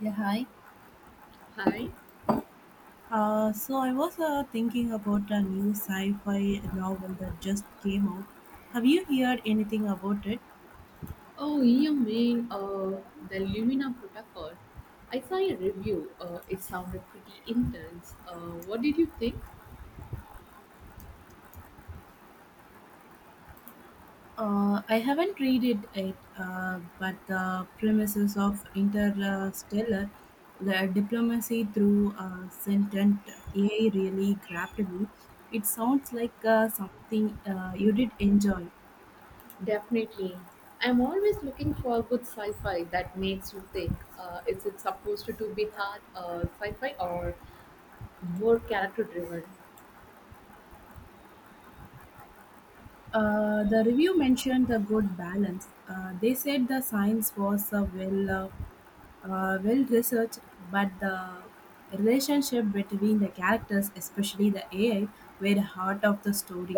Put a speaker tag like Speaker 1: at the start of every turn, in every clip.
Speaker 1: Yeah, hi.
Speaker 2: Hi.
Speaker 1: So I was thinking about a new sci-fi novel that just came out. Have you heard anything about it?
Speaker 2: Oh, you mean the Lumina protocol? I saw a review. It sounded pretty intense. What did you think?
Speaker 1: I haven't read it yet, but the premises of interstellar, the diplomacy through sentient AI really grabbed me. It sounds like something you did enjoy.
Speaker 2: Definitely. I'm always looking for good sci-fi that makes you think. Is it supposed to be hard sci-fi or more character-driven?
Speaker 1: The review mentioned the good balance. They said the science was well researched, but the relationship between the characters, especially the AI, were the heart of the story.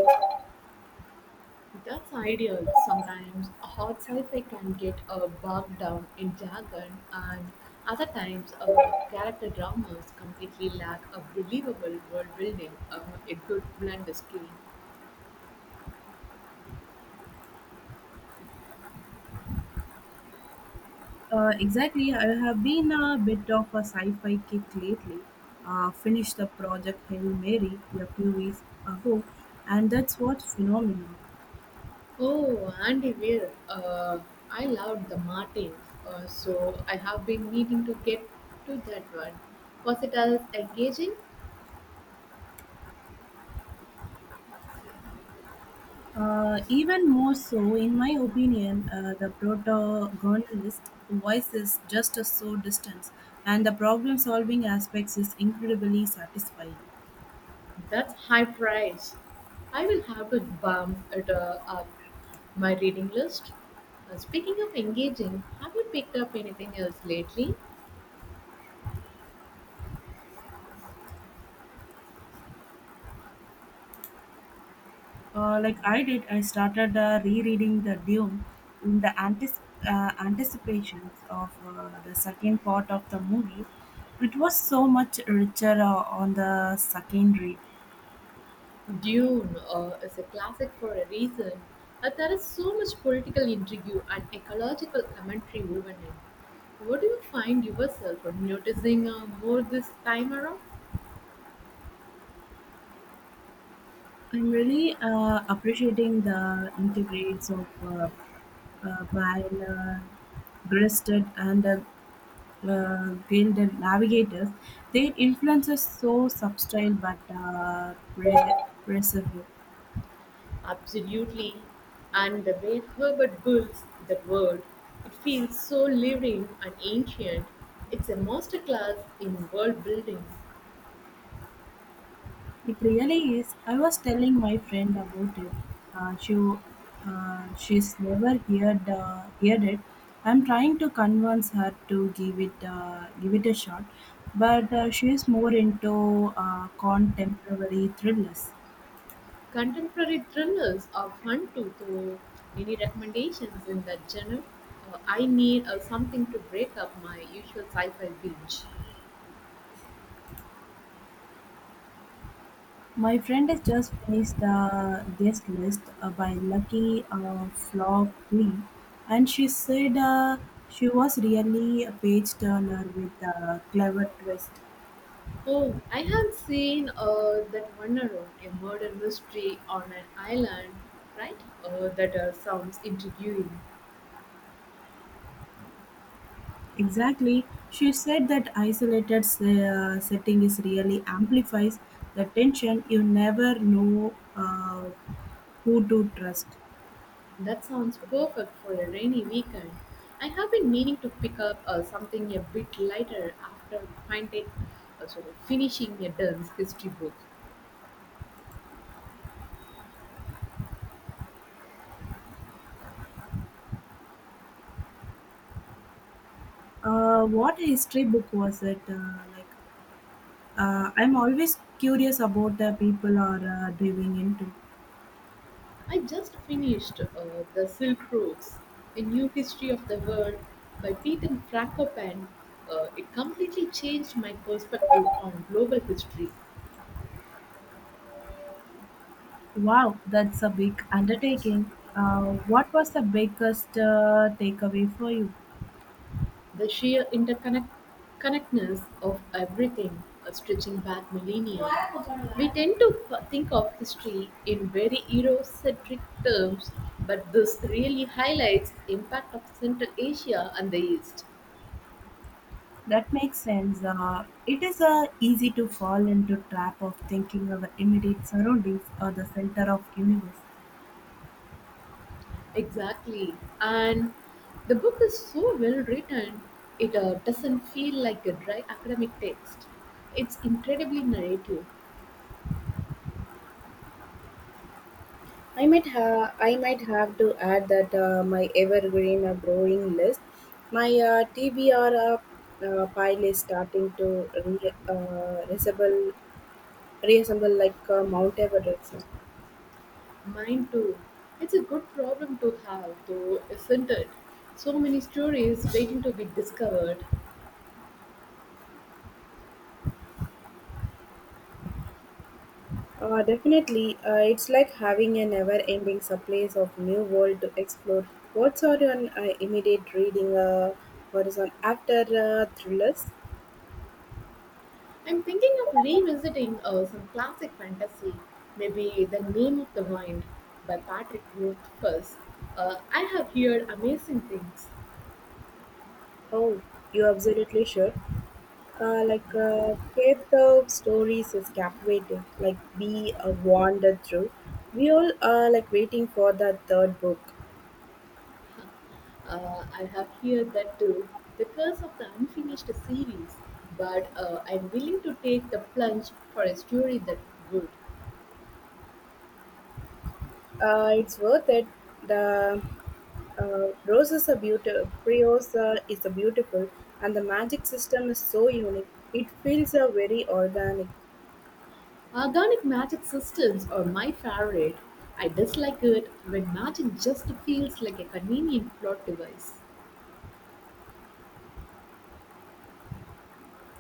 Speaker 2: That's ideal. Sometimes a hot sci-fi can get bogged down in jargon, and other times character dramas completely lack a believable world building. A good blend is key.
Speaker 1: Exactly, I have been a bit of a sci-fi kick lately. Finished the project Hail Mary a few weeks ago, and that's what phenomena.
Speaker 2: Oh, Andy Weir, I loved The Martins, so I have been meaning to get to that one. Was it as engaging?
Speaker 1: Even more so, in my opinion, the protagonist voice is just a so distant, and the problem solving aspects is incredibly satisfying.
Speaker 2: That's high price. I will have to bump it up my reading list. Speaking of engaging, have you picked up anything else lately?
Speaker 1: I started rereading the Dune in the anticipations of the second part of the movie. It was so much richer on the second read.
Speaker 2: Dune is a classic for a reason. There is so much political intrigue and ecological commentary woven in. What do you find yourself noticing more this time around?
Speaker 1: I'm really appreciating the integrates of while breasted and gilded navigators, their influence is so subtle but pervasive.
Speaker 2: Absolutely. And the way Herbert builds that world, it feels so living and ancient. It's a masterclass in world building.
Speaker 1: It really is. I was telling my friend about it. Uh, she she's never heard it. I'm trying to convince her to give it a shot, but she is more into contemporary thrillers.
Speaker 2: Contemporary thrillers are fun too, though. Any recommendations in that genre? I need something to break up my usual sci fi binge.
Speaker 1: My friend has just finished the guest list by Lucky Flop 3, and she said she was really a page turner with a clever twist.
Speaker 2: Oh, I have seen that one around a murder mystery on an island, right? That sounds intriguing.
Speaker 1: Exactly. She said that isolated setting is really amplifies the tension. You never know who to trust.
Speaker 2: That sounds perfect for a rainy weekend. I have been meaning to pick up something a bit lighter after finishing a dense history book.
Speaker 1: What history book was it? I'm always curious about the people are diving into.
Speaker 2: I just finished The Silk Roads, A New History of the World by Peter Frankopan. It completely changed my perspective on global history.
Speaker 1: Wow, that's a big undertaking. What was the biggest takeaway for you?
Speaker 2: The sheer interconnectedness of everything, stretching back millennia, we tend to think of history in very Eurocentric terms, but this really highlights the impact of Central Asia and the East.
Speaker 1: That makes sense. It is easy to fall into trap of thinking our immediate surroundings are the center of universe.
Speaker 2: Exactly, and the book is so well written, it doesn't feel like a dry academic text. It's incredibly narrative.
Speaker 1: I might have to add that my evergreen growing list, my TBR pile is starting to resemble reassemble like Mount Everest.
Speaker 2: Mine too. It's a good problem to have, though, isn't it? So many stories waiting to be discovered.
Speaker 1: Definitely, it's like having a never-ending supply of new world to explore. What's on your immediate reading horizon after thrillers?
Speaker 2: I'm thinking of revisiting some classic fantasy, maybe The Name of the Wind by Patrick Rothfuss. I have heard amazing things.
Speaker 1: Oh, you're absolutely sure. Kate Thorpe stories is captivating. Like be wandered through. We all are like waiting for the third book.
Speaker 2: I have heard that too, The Curse of the Unfinished series, but I'm willing to take the plunge for a story that good.
Speaker 1: It's worth it. The roses are beautiful, Briosa is a beautiful, and the magic system is so unique. It feels very organic.
Speaker 2: Organic magic systems are my favorite. I dislike it when magic just feels like a convenient plot device.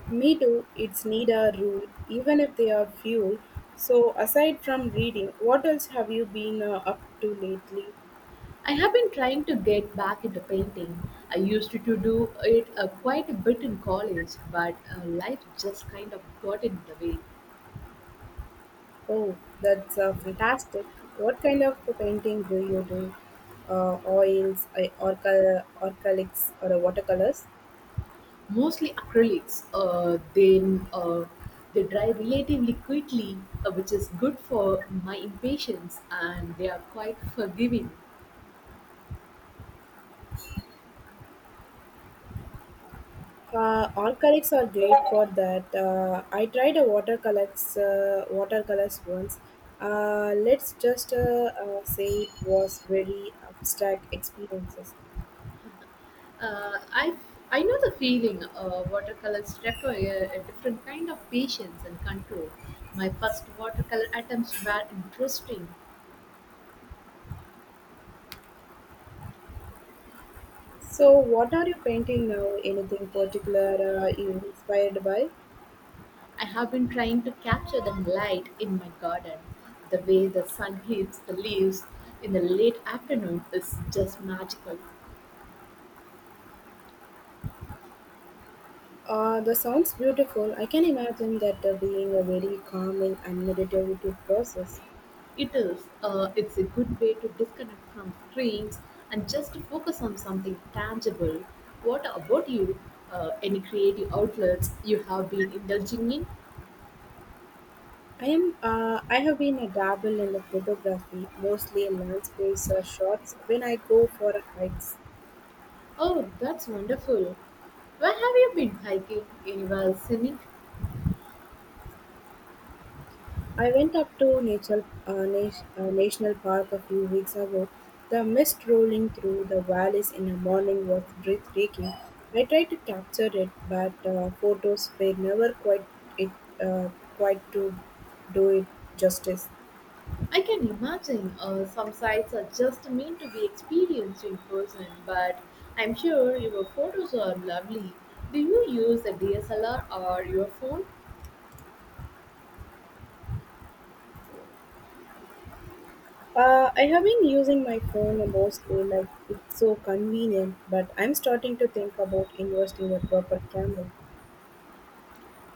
Speaker 1: Me too, it's need a rule, even if they are few. So, aside from reading, what else have you been up to lately?
Speaker 2: I have been trying to get back into painting. I used to do it quite a bit in college, but life just kind of got in the way.
Speaker 1: Oh, that's fantastic. What kind of painting do you do? Oils, orchalics, or watercolors?
Speaker 2: Mostly acrylics, then they dry relatively quickly, which is good for my impatience, and they are quite forgiving.
Speaker 1: Acrylics are great for that. I tried a watercolors once. Let's just say it was very abstract experiences.
Speaker 2: Uh, I I know the feeling. Watercolors require a different kind of patience and control. My first watercolor attempts were interesting.
Speaker 1: So, what are you painting now? Anything particular you inspired by?
Speaker 2: I have been trying to capture the light in my garden. The way the sun hits the leaves in the late afternoon is just magical.
Speaker 1: The sounds beautiful. I can imagine that being a very calming and meditative process.
Speaker 2: It is. It's a good way to disconnect from screens and just to focus on something tangible. What about you? Any creative outlets you have been indulging in?
Speaker 1: I am. I have been a dabble in the photography, mostly in landscapes or shots when I go for hikes.
Speaker 2: Oh, that's wonderful. Where have you been hiking? Anywhere scenic?
Speaker 1: I went up to National Park a few weeks ago. The mist rolling through the valleys in the morning was breathtaking. I tried to capture it, but photos were never quite it uh, quite to do it justice.
Speaker 2: I can imagine some sites are just meant to be experienced in person, but I'm sure your photos are lovely. Do you use a DSLR or your phone?
Speaker 1: I have been using my phone mostly, like it's so convenient. But I'm starting to think about investing in a proper camera.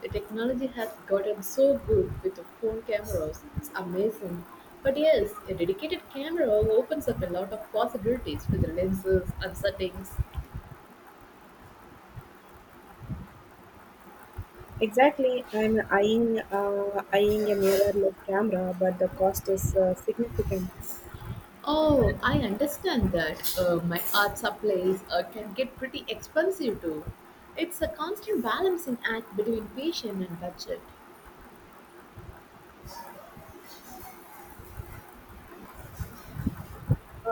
Speaker 2: The technology has gotten so good with the phone cameras, it's amazing. But yes, a dedicated camera opens up a lot of possibilities with the lenses and settings.
Speaker 1: Exactly, I'm eyeing a mirrorless camera, but the cost is significant.
Speaker 2: Oh, I understand that. My art supplies can get pretty expensive too. It's a constant balancing act between patience and budget.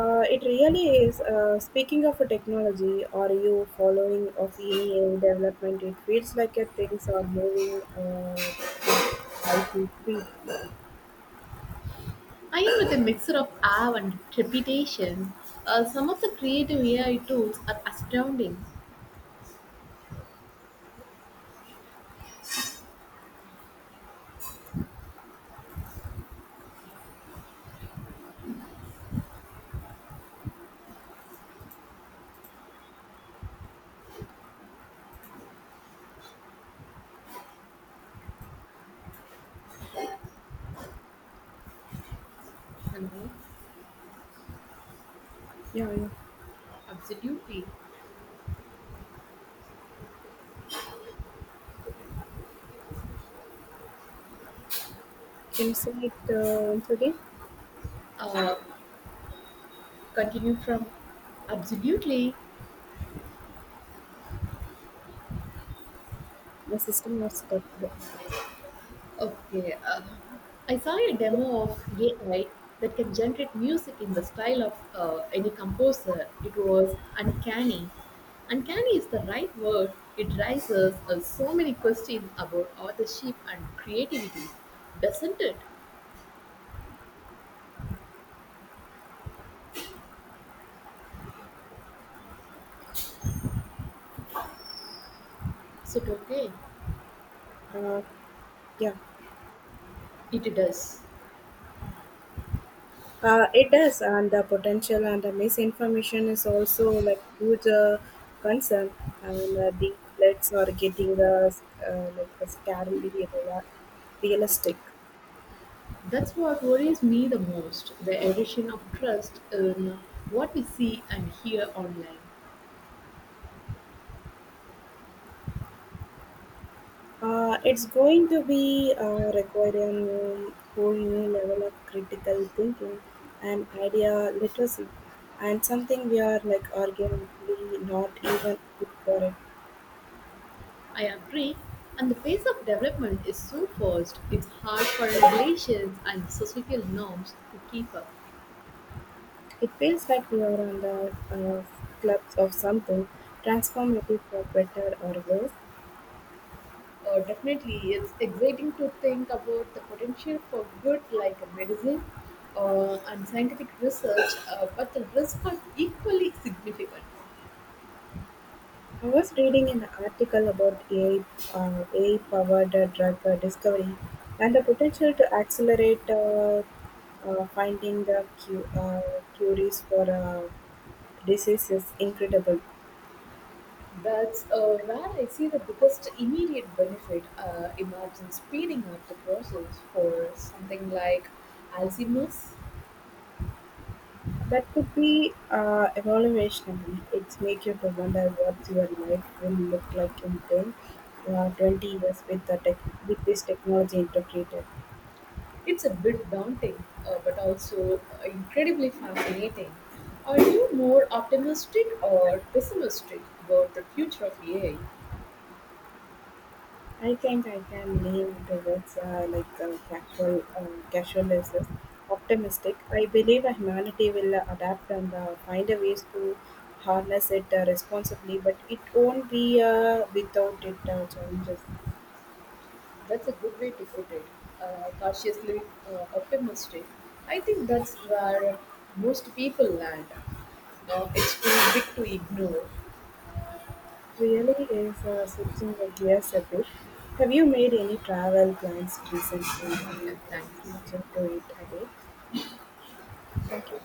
Speaker 1: It really is. Speaking of technology, are you following of any AI development? It feels like things are moving with lightning speed.
Speaker 2: I am with a mixer of awe and trepidation. Some of the creative AI tools are astounding. You know, absolutely.
Speaker 1: Can you say it once again?
Speaker 2: Uh, Continue from absolutely.
Speaker 1: My system was stuck.
Speaker 2: Okay, I saw a demo of AI that can generate music in the style of any composer. It was uncanny. Uncanny is the right word. It raises so many questions about authorship and creativity, doesn't it? So, okay,
Speaker 1: Uh, yeah.
Speaker 2: it does.
Speaker 1: It does, and the potential and the misinformation is also like huge concern. The threats are getting scarily realistic.
Speaker 2: That's what worries me the most the erosion of trust in what we see and hear online.
Speaker 1: It's going to be requiring whole new level of critical thinking and idea literacy, and something we are like arguably not even good for it.
Speaker 2: I agree, and the pace of development is so fast, it's hard for regulations and societal norms to keep up.
Speaker 1: It feels like we are on the clubs of something transformative for better or worse.
Speaker 2: Definitely, it's exciting to think about the potential for good like a medicine and scientific research, but the risks are equally significant.
Speaker 1: I was reading an article about AI powered drug discovery and the potential to accelerate finding the cures for disease is incredible.
Speaker 2: That's where I see the biggest immediate benefit emerging speeding up the process for something like Alzheimer's.
Speaker 1: That could be evolutionary. It's make you to wonder what your life will look like in 10, 20 years with the tech, with this technology integrated.
Speaker 2: It's a bit daunting, but also incredibly fascinating. Are you more optimistic or pessimistic about the future of AI?
Speaker 1: I think I can lean towards casualness, optimistic. I believe that humanity will adapt and find a ways to harness it responsibly, but it won't be without it challenges.
Speaker 2: That's a good way to put it. Cautiously optimistic. I think that's where most people land. It's too big to ignore.
Speaker 1: Really is switching the gears a bit. Have you made any travel plans recently? I'm
Speaker 2: Yeah, thank
Speaker 1: switching
Speaker 2: you.
Speaker 1: to it a bit. Thank you.